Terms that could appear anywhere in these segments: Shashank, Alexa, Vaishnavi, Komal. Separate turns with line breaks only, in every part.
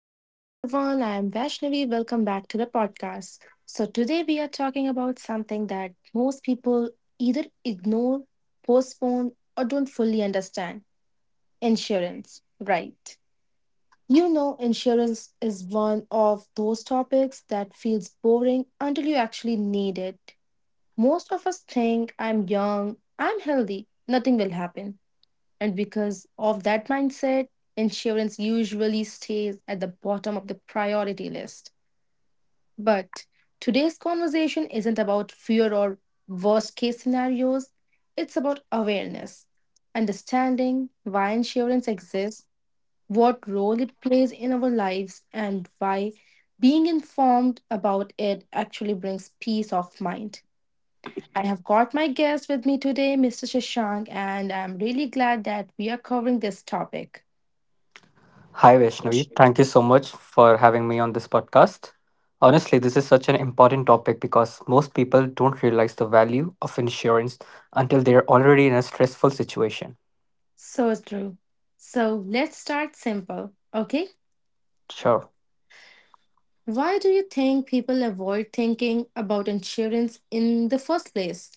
Hello, everyone. I am Vaishnavi. Welcome back to the podcast. So, today we are talking about something that most people either ignore, postpone, or don't fully understand insurance. Right. You know, insurance is one of those topics that feels boring until you actually need it. Most of us think I'm young, I'm healthy, nothing will happen. And because of that mindset, insurance usually stays at the bottom of the priority list but today's conversation isn't about fear or worst case scenarios, it's about awareness, understanding why insurance exists, what role it plays in our lives, and why being informed about it actually brings peace of mind. I have got my guest with me today, Mr. Shashank, and I'm really glad that we are covering this topic.
Hi, Vaishnavi.
So
Thank you so much for having me on this podcast. Honestly, this is such an important topic because most people don't realize the value of insurance until they're already in a stressful situation.
true. So let's start simple, okay?
Sure.
Why do you think people avoid thinking about insurance in the first place?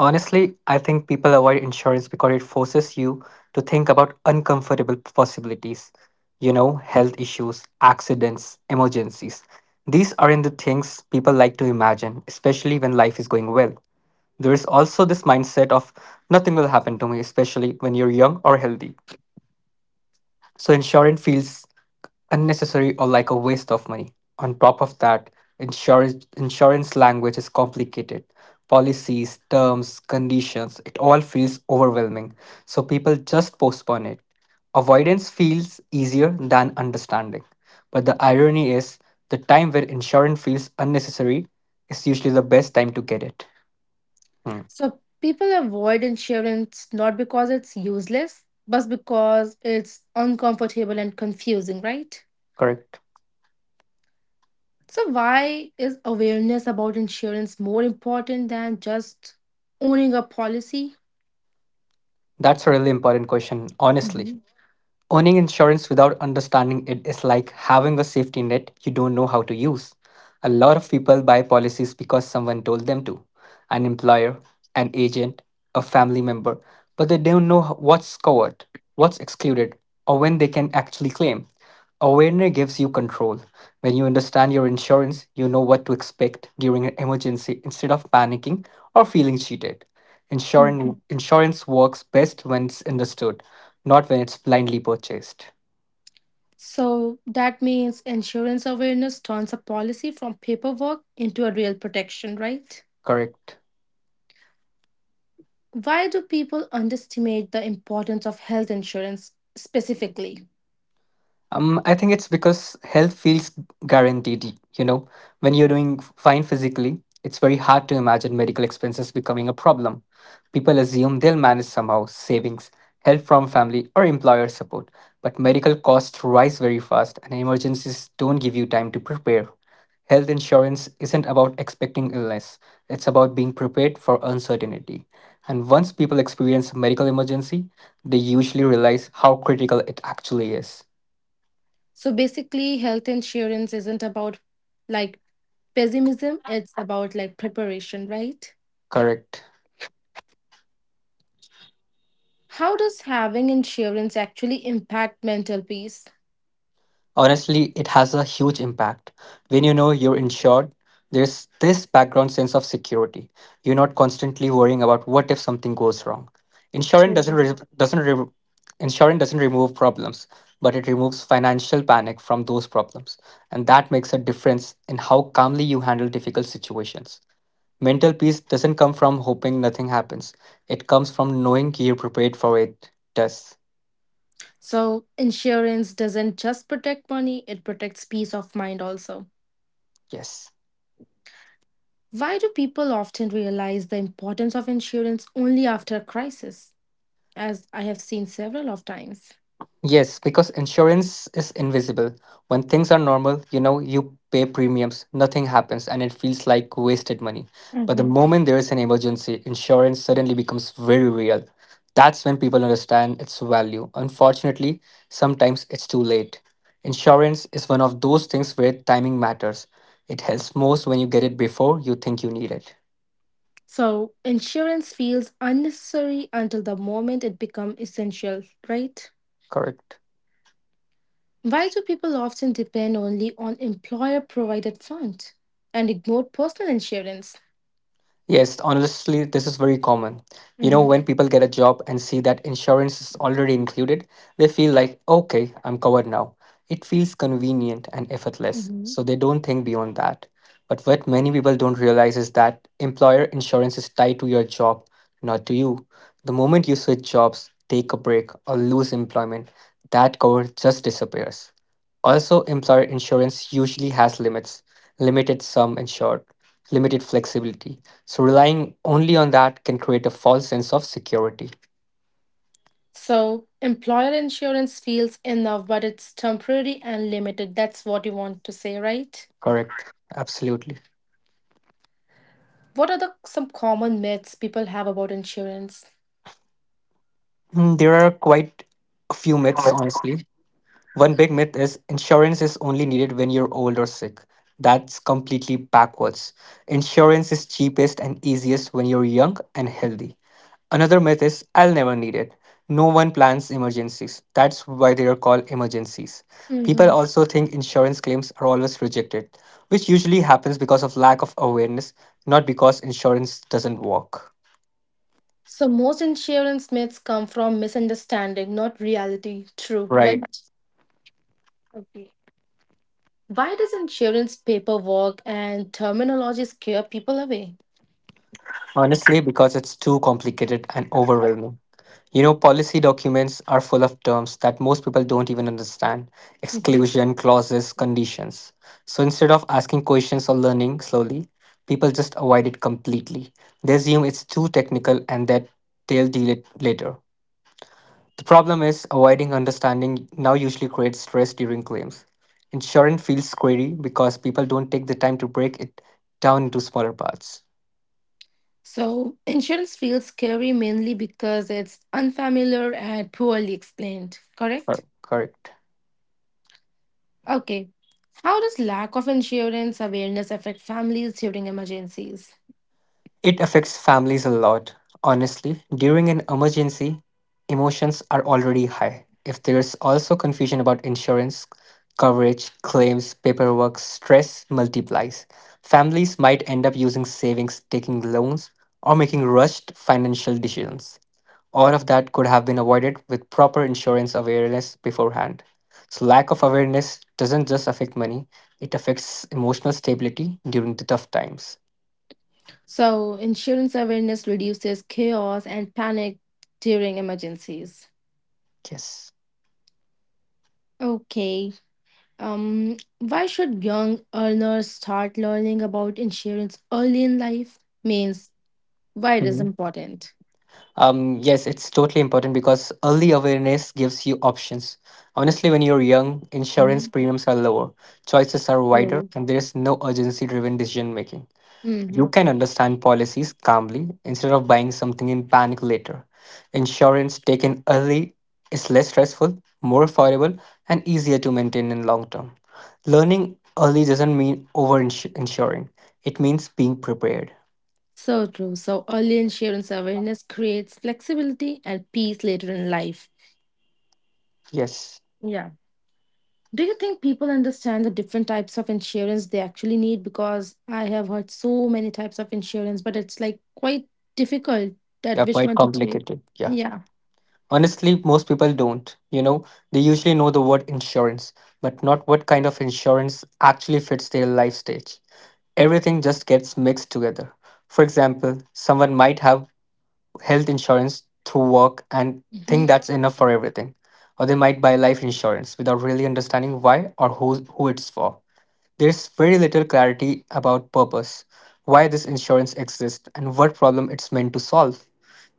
Honestly, I think people avoid insurance because it forces you to think about uncomfortable possibilities. You know, health issues, accidents, emergencies. These aren't the things people like to imagine, especially when life is going well. There is also this mindset of nothing will happen to me, especially when you're young or healthy. So insurance feels unnecessary or like a waste of money. On top of that, insurance language is complicated. Policies, terms, conditions, it all feels overwhelming. So people just postpone it. Avoidance feels easier than understanding. But the irony is, the time when insurance feels unnecessary is usually the best time to get it. Hmm,
So, people avoid insurance not because it's useless, but because it's uncomfortable and confusing, right?
correct.
So, why is awareness about insurance more important than just owning a policy?
That's a really important question, honestly.
Mhm.
Owning insurance without understanding it is like having a safety net you don't know how to use. A lot of people buy policies because someone told them to: an employer, an agent, a family member, but they don't know what's covered, what's excluded, or when they can actually claim. Awareness gives you control. When you understand your insurance, you know what to expect during an emergency instead of panicking or feeling cheated. Insurance works best when it's understood, not when it's blindly purchased.
So that means insurance awareness turns a policy from paperwork into a real protection, right?
Correct.
Why do people underestimate the importance of health insurance specifically?
I think it's because health feels guaranteed. You know, when you're doing fine physically, it's very hard to imagine medical expenses becoming a problem. People assume they'll manage somehow — savings, help from family, or employer support. But medical costs rise very fast, and emergencies don't give you time to prepare. Health insurance isn't about expecting illness, it's about being prepared for uncertainty. And once people experience a medical emergency, they usually realize how critical it actually is.
So basically, health insurance isn't about like pessimism, it's about preparation, right?
Correct.
How does having insurance actually impact mental peace?
Honestly, it has a huge impact. When you know you're insured, there's this background sense of security. You're not constantly worrying about what if something goes wrong. Insurance
Insurance.
doesn't re- insurance doesn't remove problems, but it removes financial panic from those problems, and that makes a difference in how calmly you handle difficult situations. Mental peace doesn't come from hoping nothing happens. It comes from knowing you're prepared for it does.
So, insurance doesn't just protect money, it protects peace of mind also.
Yes.
Why do people often realize the importance of insurance only after a crisis? As I have seen several of times.
Yes, because insurance is invisible. When things are normal, you know, you pay premiums, nothing happens, and it feels like wasted money. But the
Mhm.
moment there is an emergency, insurance suddenly becomes very real. That's when people understand its value. Unfortunately, sometimes it's too late. Insurance is one of those things where timing matters. It helps most when you get it before you think you need it.
So insurance feels unnecessary until the moment it becomes essential, right?
Correct.
Why do people often depend only on employer provided fund and ignore personal insurance?
Yes, honestly, this is very common. You know,
Mhm.
when people get a job and see that insurance is already included, they feel like, okay, I'm covered now. It feels convenient and effortless,
Mhm.
so they don't think beyond that. But what many people don't realize is that employer insurance is tied to your job, not to you. The moment you switch jobs, take a break, or lose employment, that cover just disappears. Also, employer insurance usually has limits — limited sum insured, limited flexibility. So relying only on that can create a false sense of security.
So employer insurance feels enough, but it's temporary and limited. That's what you want to say, right?
Correct. Absolutely.
What are the some common myths people have about insurance?
Mm, there are quite a few myths, honestly. One big myth is insurance is only needed when you're old or sick. That's completely backwards. Insurance is cheapest and easiest when you're young and healthy. Another myth is I'll never need it. No one plans emergencies. That's why they are called emergencies. People also think insurance claims are always rejected, which usually happens because of lack of awareness, not because insurance doesn't work.
So most insurance myths come from misunderstanding, not reality. True, right?
Right.
Okay. Why does insurance paperwork and terminology scare people away?
Honestly, because it's too complicated and overwhelming. You know, policy documents are full of terms that most people don't even understand —
Mhm.
exclusion, clauses, conditions. So instead of asking questions or learning slowly, people just avoid it completely. They assume it's too technical and that they'll deal it later. The problem is, avoiding understanding now usually creates stress during claims. Insurance feels scary because people don't take the time to break it down into smaller parts.
So insurance feels scary mainly because it's unfamiliar and poorly explained. Correct?
Correct.
Okay. How does lack of insurance awareness affect families during emergencies?
It affects families a lot. Honestly, during an emergency, emotions are already high. If there's also confusion about insurance, coverage, claims, paperwork, stress multiplies. Families might end up using savings, taking loans, or making rushed financial decisions. All of that could have been avoided with proper insurance awareness beforehand. So, lack of awareness doesn't just affect money, it affects emotional stability during the tough times.
So insurance awareness reduces chaos and panic during emergencies.
Yes.
Okay. Why should young earners start learning about insurance early in life? Means why it is important.
Yes, it's totally important because early awareness gives you options. Honestly, when you're young, insurance
Mhm.
premiums are lower, choices are wider,
True.
and there's no urgency driven decision making. You
Mhm.
can understand policies calmly instead of buying something in panic later. Insurance taken early is less stressful, more affordable, and easier to maintain in long term. Learning early doesn't mean over insuring. It means being prepared.
So true. So early insurance awareness creates flexibility and peace later in life.
Yes.
Yeah. Do you think people understand the different types of insurance they actually need? Because I have heard so many types of insurance, but it's like quite difficult that
Yeah,
which
quite
one to take.
complicated. Yeah.
Yeah.
Honestly, most people don't. You know, they usually know the word insurance, but not what kind of insurance actually fits their life stage. Everything just gets mixed together. For example, someone might have health insurance through work and think that's enough for everything. Or they might buy life insurance without really understanding why or who it's for. There's very little clarity about purpose, why this insurance exists, and what problem it's meant to solve.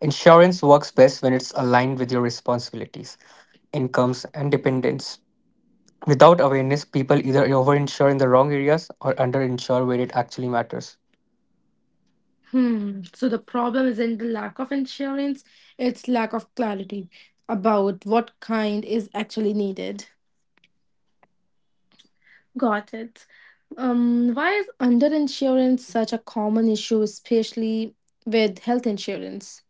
Insurance works best when it's aligned with your responsibilities, incomes, and dependents. Without awareness, people either overinsure in the wrong areas or underinsure where it actually matters.
Hmm. So the problem isn't the lack of insurance, it's lack of clarity about what kind is actually needed. Got it. Why is underinsurance such a common issue, especially with health insurance?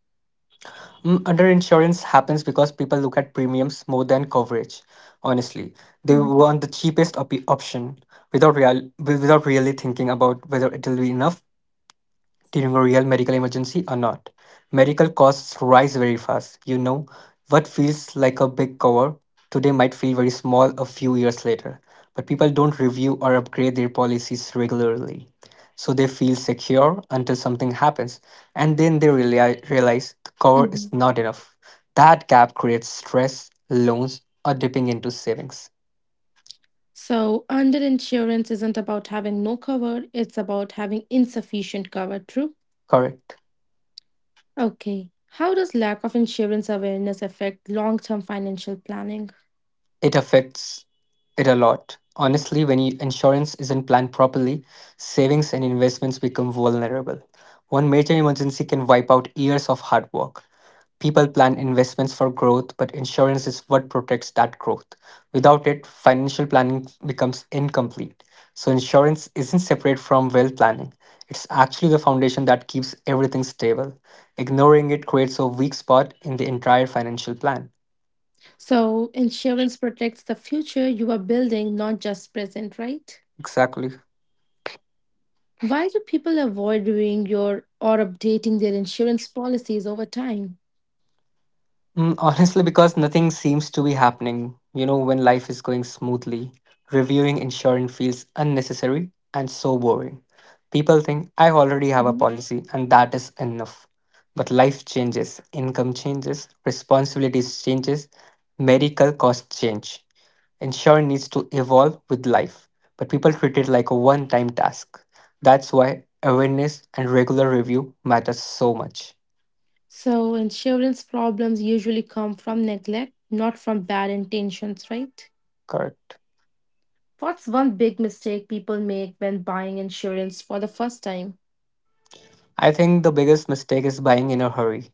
Mm, underinsurance happens because people look at premiums more than coverage. Honestly, they
Mhm.
want the cheapest option without really thinking about whether it'll be enough during a real medical emergency or not. Medical costs rise very fast. You know, what feels like a big cover today might feel very small a few years later, but people don't review or upgrade their policies regularly. So they feel secure until something happens, and then they realize the cover is
Mhm.
not enough. That gap creates stress, loans, or dipping into savings.
So, underinsurance isn't about having no cover, it's about having insufficient cover, true?
Correct.
Okay. How does lack of insurance awareness affect long term financial planning?
It affects it a lot. Honestly, when insurance isn't planned properly, savings and investments become vulnerable. One major emergency can wipe out years of hard work. People plan investments for growth, but insurance is what protects that growth. Without it, financial planning becomes incomplete. So, insurance isn't separate from wealth planning. It's actually the foundation that keeps everything stable. Ignoring it creates a weak spot in the entire financial plan.
So insurance protects the future you are building, not just present, right?
Exactly.
Why do people avoid doing your or updating their insurance policies over time?
Mm, honestly, because nothing seems to be happening, you know, when life is going smoothly, reviewing insurance feels unnecessary and so boring. People think I already have a
Mhm.
policy and that is enough. But life changes, income changes, responsibilities changes, medical costs change. Insurance needs to evolve with life, but people treat it like a one-time task. That's why awareness and regular review matters so much.
So insurance problems usually come from neglect, not from bad intentions, right?
Correct.
What's one big mistake people make when buying insurance for the first time?
I think the biggest mistake is buying in a hurry.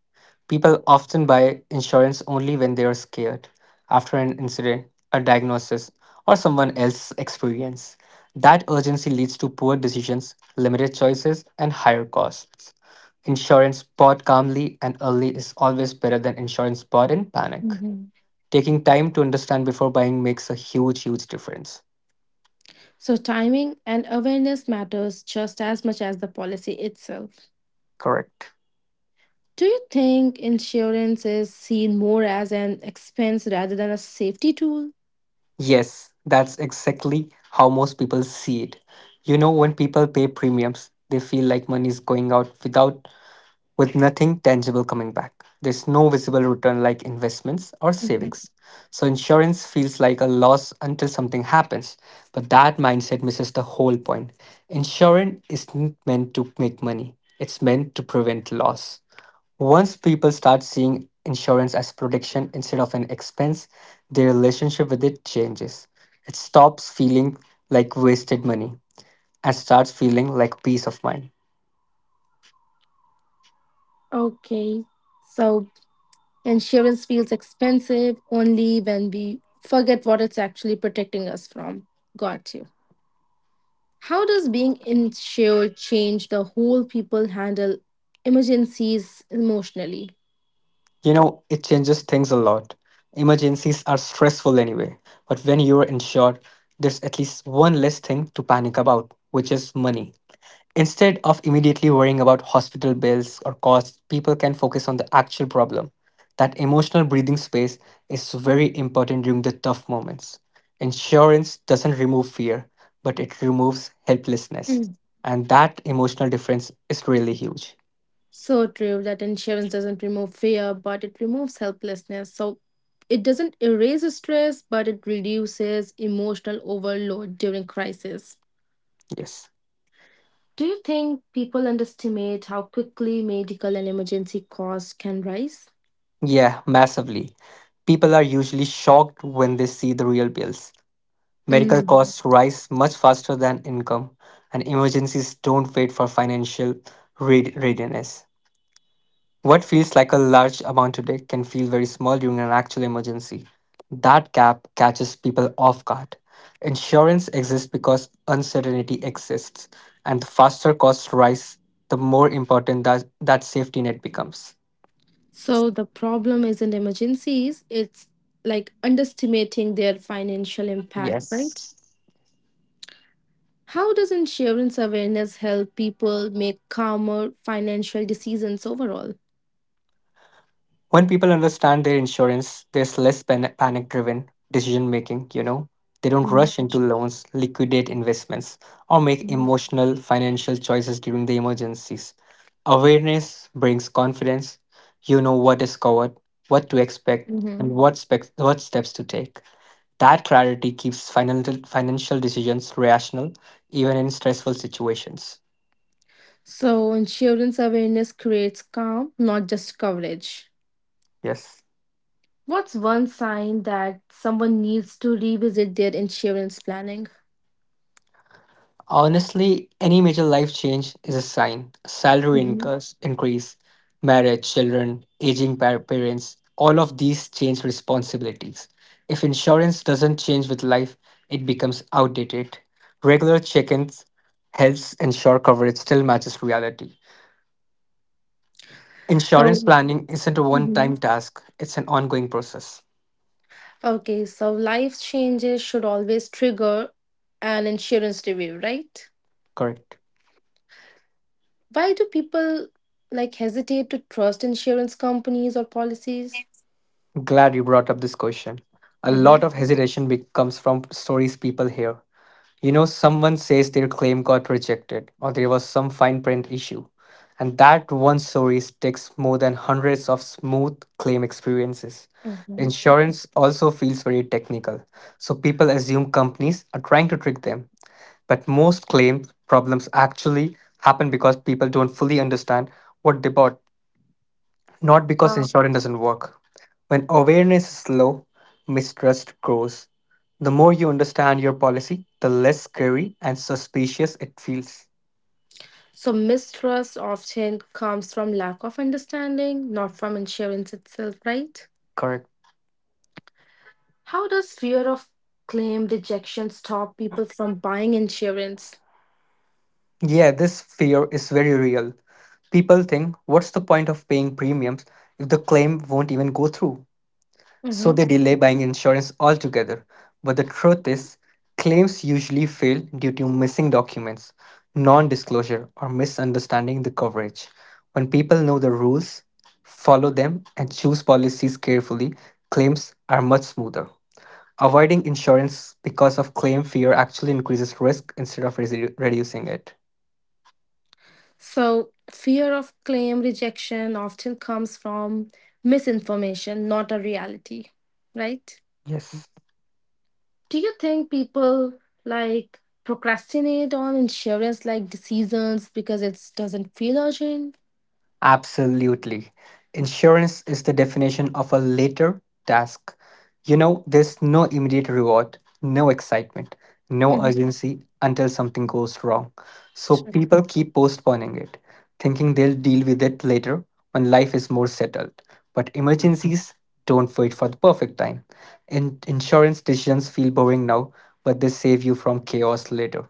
People often buy insurance only when they are scared, after an incident, a diagnosis, or someone else's experience. That urgency leads to poor decisions, limited choices, and higher costs. Insurance bought calmly and early is always better than insurance bought in panic.
Mhm.
Taking time to understand before buying makes a huge, huge difference.
So, timing and awareness matters just as much as the policy itself.
Correct.
Do you think insurance is seen more as an expense rather than a safety tool?
Yes, that's exactly how most people see it. You know, when people pay premiums, they feel like money is going out without, with nothing tangible coming back. There's no visible return like investments or
Mhm.
savings. So insurance feels like a loss until something happens. But that mindset misses the whole point. Insurance isn't meant to make money, it's meant to prevent loss. Once people start seeing insurance as protection instead of an expense, their relationship with it changes. It stops feeling like wasted money and starts feeling like peace of mind.
Okay, so insurance feels expensive only when we forget what it's actually protecting us from. Got you. How does being insured change the whole people handle emergencies emotionally?
You know, it changes things a lot. Emergencies are stressful anyway, but when you are insured, there's at least one less thing to panic about, which is money. Instead of immediately worrying about hospital bills or costs, people can focus on the actual problem. That emotional breathing space is very important during the tough moments. Insurance doesn't remove fear, but it removes helplessness. And that emotional difference is really huge.
So true that insurance doesn't remove fear, but it removes helplessness. So it doesn't erase stress, but it reduces emotional overload during crisis.
Yes.
Do you think people underestimate how quickly medical and emergency costs can rise?
Yeah, massively. People are usually shocked when they see the real bills. Medical
Mm.
costs rise much faster than income, and emergencies don't wait for financial readiness. What feels like a large amount today can feel very small during an actual emergency. That gap catches people off guard. Insurance exists because uncertainty exists, and the faster costs rise, the more important that safety net becomes.
So the problem isn't emergencies, it's underestimating their financial impact,
Yes.
right? How does insurance awareness help people make calmer financial decisions overall?
When people understand their insurance, there's less panic driven decision making, you know. They don't rush into loans, liquidate investments, or make
Mhm.
emotional financial choices during the emergencies. Awareness brings confidence. You know what is covered, what to expect, and
Hmm.
what steps to take. That clarity keeps financial decisions rational, even in stressful situations.
So, insurance awareness creates calm, not just coverage.
Yes.
What's one sign that someone needs to revisit their insurance planning?
Honestly, any major life change is a sign. Salary
Hmm.
increase, marriage, children, aging parents, all of these change responsibilities. If insurance doesn't change with life, it becomes outdated. Regular check-ins helps ensure coverage still matches reality. Insurance
So,
planning isn't a one-time
Mhm.
task, it's an ongoing process.
Okay, so life changes should always trigger an insurance review, right?
Correct.
Why do people hesitate to trust insurance companies or policies?
Glad you brought up this question. A
Mm-hmm.
lot of hesitation comes from stories people hear. You know, someone says their claim got rejected or there was some fine print issue. And that one story sticks more than hundreds of smooth claim experiences.
Mm-hmm.
Insurance also feels very technical, so people assume companies are trying to trick them. But most claim problems actually happen because people don't fully understand what they bought, not because insurance doesn't work. When awareness is low, mistrust grows. The more you understand your policy, the less scary and suspicious it feels.
So, mistrust often comes from lack of understanding, not from insurance itself, right?
Correct.
How does fear of claim rejection stop people from buying insurance?
Yeah, this fear is very real. People think, what's the point of paying premiums if the claim won't even go through? So
Mhm.
they delay buying insurance altogether. But the truth is, claims usually fail due to missing documents, non disclosure, or misunderstanding the coverage. When people know the rules, follow them, and choose policies carefully, claims are much smoother. Avoiding insurance because of claim fear actually increases risk instead of reducing it.
So, fear of claim rejection often comes from misinformation, not a reality, right?
Yes.
Do you think people procrastinate on insurance decisions because it doesn't feel urgent?
Absolutely. Insurance is the definition of a later task. You know, there's no immediate reward, no excitement, no
Mhm.
urgency until something goes wrong. So people keep postponing it, thinking they'll deal with it later when life is more settled. But emergencies don't wait for the perfect time. Insurance decisions feel boring now, but they save you from chaos later.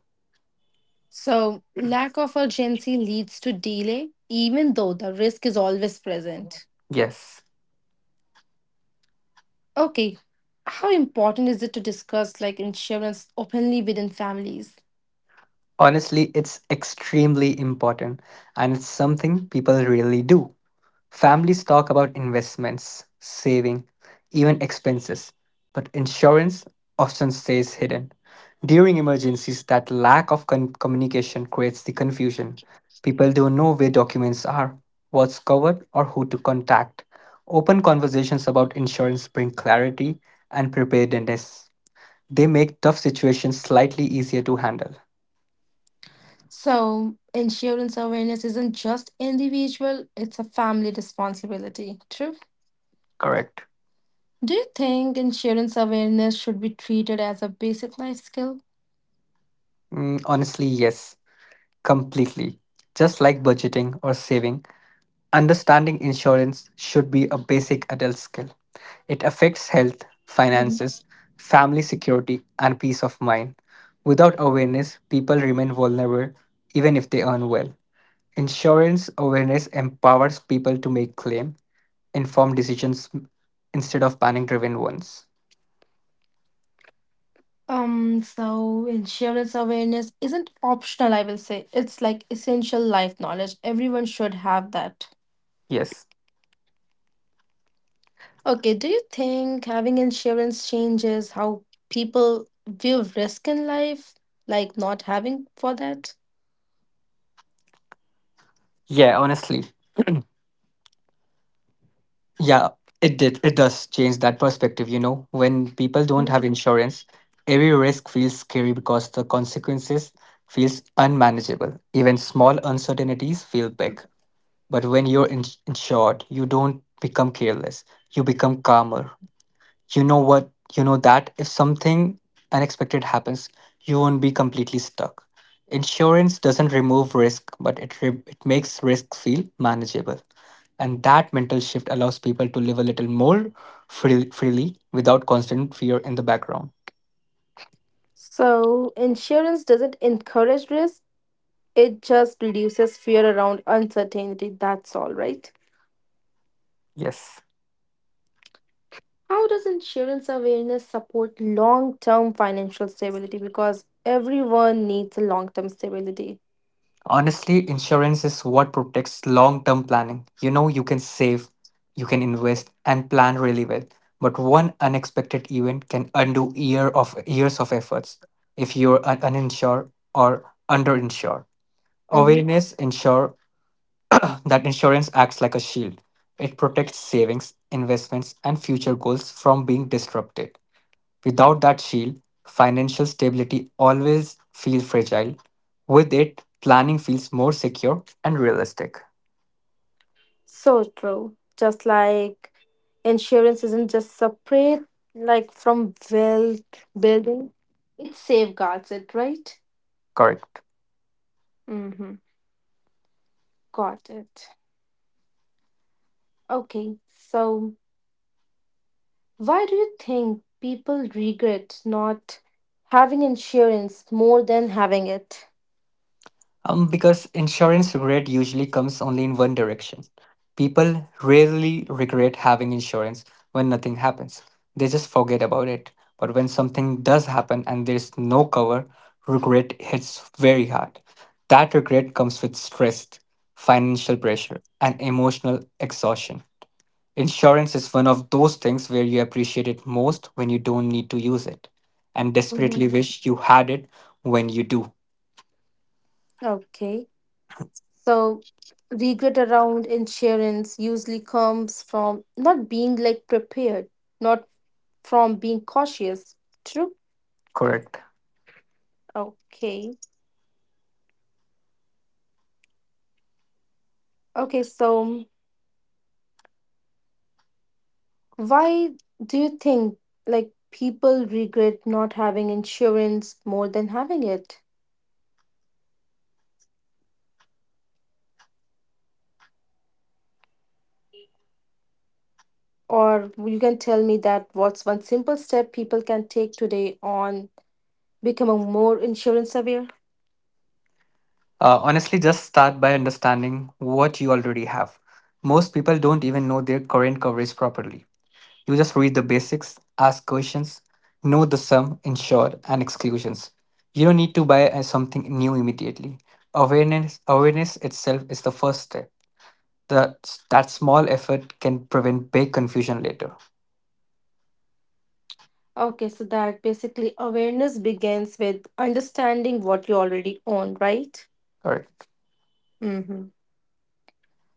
So, lack of urgency leads to delay, even though the risk is always present.
Yes.
Okay, how important is it to discuss insurance openly within families?
Honestly, it's extremely important and it's something people really do. Families talk about investments, saving, even expenses, but insurance often stays hidden. During emergencies, that lack of communication creates the confusion. People don't know where documents are, what's covered, or who to contact. Open conversations about insurance bring clarity and preparedness. They make tough situations slightly easier to handle.
So, insurance awareness isn't just individual, it's a family responsibility. True.
Correct.
Do you think insurance awareness should be treated as a basic life skill?
Honestly, yes, completely. Just like budgeting or saving, understanding insurance should be a basic adult skill. It affects health,
Mhm.
finances, family security, and peace of mind. Without awareness, people remain vulnerable even if they earn well. Insurance awareness empowers people to make claim informed decisions instead of panic driven ones.
So insurance awareness isn't optional, I will say. It's like essential life knowledge. Everyone should have that.
Yes.
Okay, do you think having insurance changes how people view risk in life? Like not having for that?
Yeah, honestly. Yeah, it did. It does change that perspective, you know. When people don't have
Mhm.
insurance, every risk feels scary because the consequences feels unmanageable. Even small uncertainties feel big. But when you're insured, you don't become careless. You become calmer, you know what you know that if something unexpected happens, you won't be completely stuck. Insurance doesn't remove risk, but it makes risk feel manageable, and that mental shift allows people to live a little more freely without constant fear in the background.
So, insurance doesn't encourage risk, it just reduces fear around uncertainty. That's all, right?
Yes.
How does insurance awareness support long term financial stability? Because everyone needs a long term stability.
Honestly, insurance is what protects long term planning. You know, you can save, you can invest, and plan really well. But one unexpected event can undo years of efforts if you're uninsured or underinsured.
Mm-hmm.
Awareness ensure that insurance acts like a shield. It protects savings, investments, and future goals from being disrupted. Without that shield, financial stability always feels fragile. With it, planning feels more secure and realistic.
So true. Just like insurance isn't just separate from wealth building, it safeguards it, right?
Correct.
Mm-hmm. Got it. Okay. So why do you think people regret not having insurance more than having it?
Because insurance regret usually comes only in one direction. People rarely regret having insurance when nothing happens. They just forget about it. But when something does happen and there's no cover, regret hits very hard. That regret comes with stress, financial pressure, and emotional exhaustion. Insurance is one of those things where you appreciate it most when you don't need to use it and desperately
Mm-hmm.
wish you had it when you do.
Okay. So regret around insurance usually comes from not being prepared, not from being cautious. True.
Correct.
Okay. Okay, so why do you think people regret not having insurance more than having it? Or you can tell me that what's one simple step people can take today on becoming more insurance aware?
Honestly, just start by understanding what you already have. Most people don't even know their current coverage properly. You just read the basics, ask questions, know the sum insured and exclusions. You don't need to buy something new immediately. Awareness itself is the first step. The, that small effort can prevent big confusion later.
Okay, so that basically awareness begins with understanding what you already own, right?
Correct.
Mm-hmm.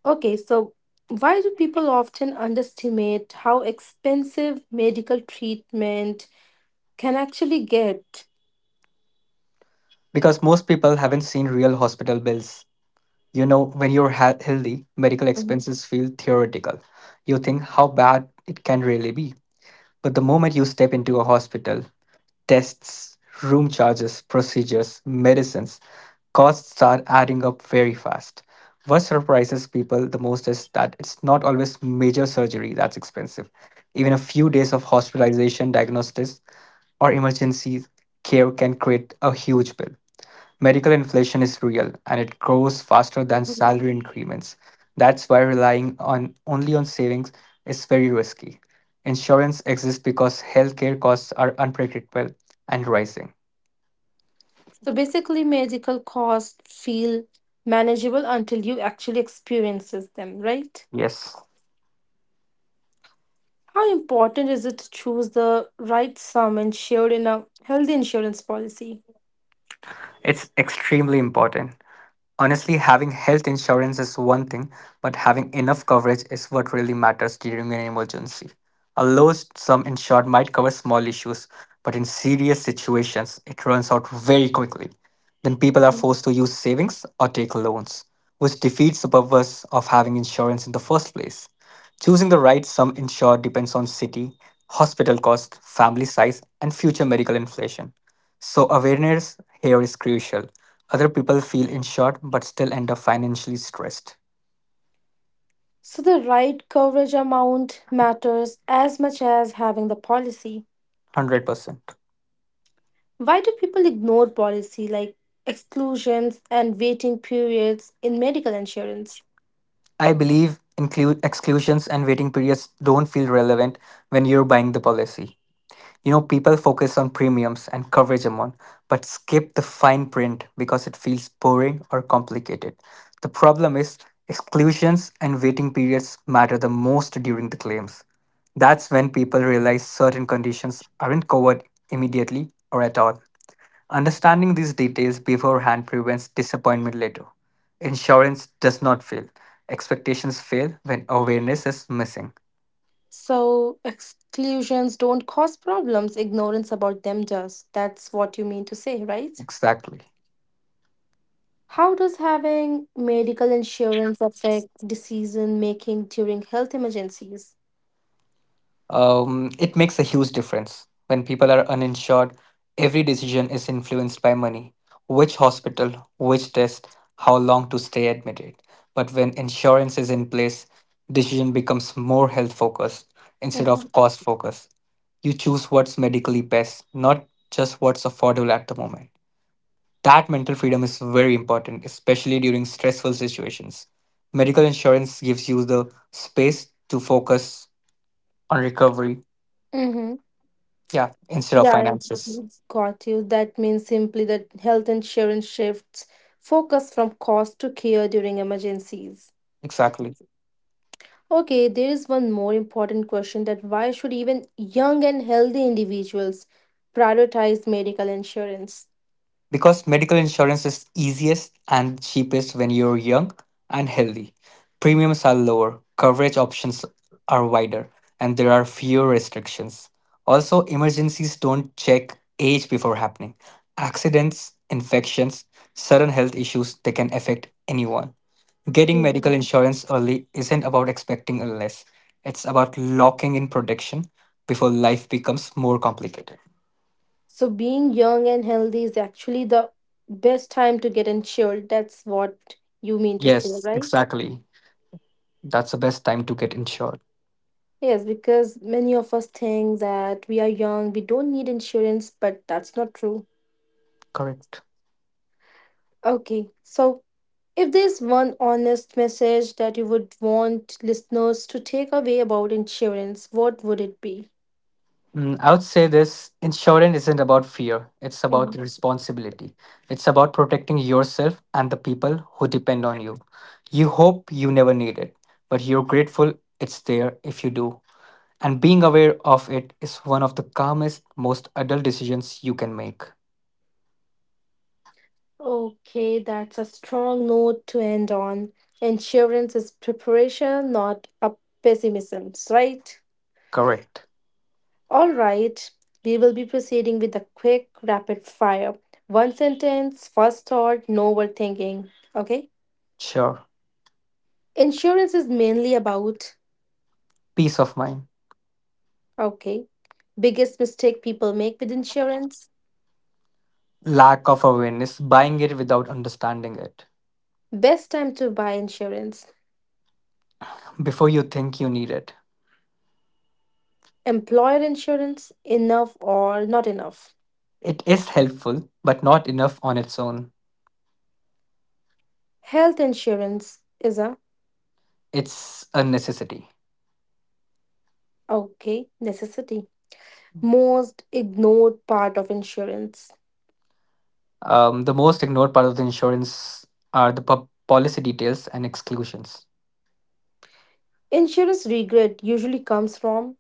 Okay, so why do people often underestimate how expensive medical treatment can actually get?
Because most people haven't seen real hospital bills. You know, when you're healthy, medical
Mhm,
expenses feel theoretical. You think how bad it can really be. But the moment you step into a hospital, tests, room charges, procedures, medicines, costs start adding up very fast. What surprises people the most is that it's not always major surgery that's expensive. Even a few days of hospitalization, diagnosis, or emergency care can create a huge bill. Medical inflation is real, and it grows faster than
mhm.
salary increments. That's why relying on only on savings is very risky. Insurance exists because healthcare costs are unpredictable and rising.
So basically, medical costs feel manageable until you actually experiences them, right?
Yes,
How important is it to choose the right sum insured in a healthy insurance policy?
it's extremely important. Honestly, having health insurance is one thing, but having enough coverage is what really matters during an emergency. A low sum insured might cover small issues, but in serious situations, it runs out very quickly. Then people are
Mhm.
forced to use savings or take loans, which defeats the purpose of having insurance in the first place. Choosing the right sum insured depends on city, hospital cost, family size, and future medical inflation. So, awareness here is crucial. Other people feel insured but still end up financially stressed.
So the right coverage amount matters as much as having the policy.
100%.
Why do people ignore policy exclusions and waiting periods in medical insurance?
I believe include exclusions and waiting periods don't feel relevant when you're buying the policy. You know, people focus on premiums and coverage amount, but skip the fine print because it feels boring or complicated. The problem is exclusions and waiting periods matter the most during the claims. That's when people realize certain conditions aren't covered immediately or at all. Understanding these details beforehand prevents disappointment later. Insurance does not fail. Expectations fail when awareness is missing.
So, exclusions don't cause problems, ignorance about them does. That's what you mean to say, right?
Exactly.
How does having medical insurance affect decision making during health emergencies?
It makes a huge difference. When people are uninsured, every decision is influenced by money, which hospital, which test, how long to stay admitted. But when insurance is in place, decision becomes more health focused instead
Mm-hmm.
of cost focused. You choose what's medically best, not just what's affordable at the moment. That mental freedom is very important, especially during stressful situations. Medical insurance gives you the space to focus on recovery,
Mm-hmm.
yeah, instead of
Yeah,
finances.
I got you. That means simply that health insurance shifts focus from cost to care during emergencies.
Exactly.
Okay, there is one more important question that why should even young and healthy individuals prioritize medical insurance?
Because medical insurance is easiest and cheapest when you're young and healthy. Premiums are lower, coverage options are wider, and there are fewer restrictions. Also, emergencies don't check age before happening. Accidents, infections, sudden health issues, they can affect anyone. Getting
Mhm.
medical insurance early isn't about expecting illness. It's about locking in protection before life becomes more complicated.
So being young and healthy is actually the best time to get insured. That's what you mean to say,
Yes,
right?
exactly. That's the best time to get insured.
Yes, because many of us think that we are young, we don't need insurance, but that's not true.
Correct.
Okay, so if there's one honest message that you would want listeners to take away about insurance, what would it be?
I would say this, insurance isn't about fear, it's about
Mhm.
responsibility. It's about protecting yourself and the people who depend on you. You hope you never need it, but you're grateful it's there if you do. And being aware of it is one of the calmest, most adult decisions you can make.
Okay, that's a strong note to end on. Insurance is preparation, not a pessimism, right?
Correct.
All right, we will be proceeding with a quick rapid fire. One sentence, first thought, no overthinking. Okay.
Sure.
Insurance is mainly about,
Peace of mind.
okay, biggest mistake people make with insurance,
Lack of awareness, buying it without understanding it.
best time to buy insurance,
Before you think you need it.
employer insurance, enough or not enough.
It is helpful, but not enough on its own.
Health insurance is a,
It's a necessity.
okay, necessity. Most ignored part of insurance.
The most ignored part of the insurance are the policy details and exclusions.
Insurance regret usually comes from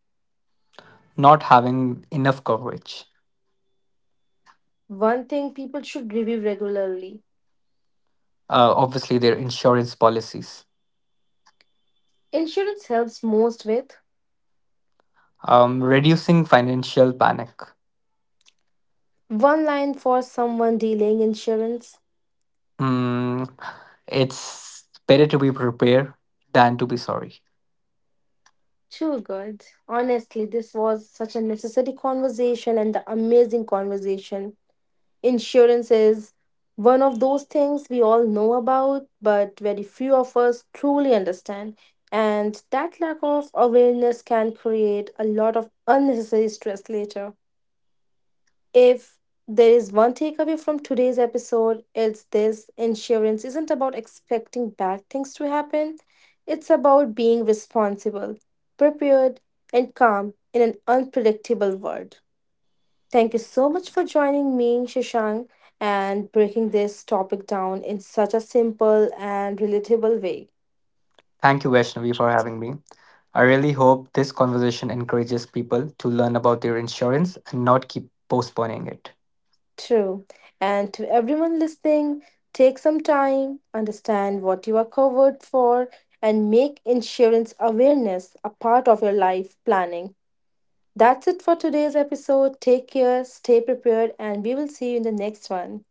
Not having enough coverage.
one thing people should review regularly.
Obviously, their insurance policies.
Insurance helps most with
Reducing financial panic.
one line for someone dealing insurance.
Mm, it's better to be prepared than to be sorry.
Too good. Honestly, this was such a necessary conversation and the amazing conversation. Insurance is one of those things we all know about, but very few of us truly understand. And that lack of awareness can create a lot of unnecessary stress later. If there is one takeaway from today's episode, it's this insurance isn't about expecting bad things to happen, it's about being responsible, prepared, and calm in an unpredictable world. Thank you so much for joining me, Shashank, and breaking this topic down in such a simple and relatable way.
Thank you, Vaishnavi, for having me. I really hope this conversation encourages people to learn about their insurance and not keep postponing it.
True. And to everyone listening, take some time, understand what you are covered for, and make insurance awareness a part of your life planning. That's it for today's episode. Take care, stay prepared, and we will see you in the next one.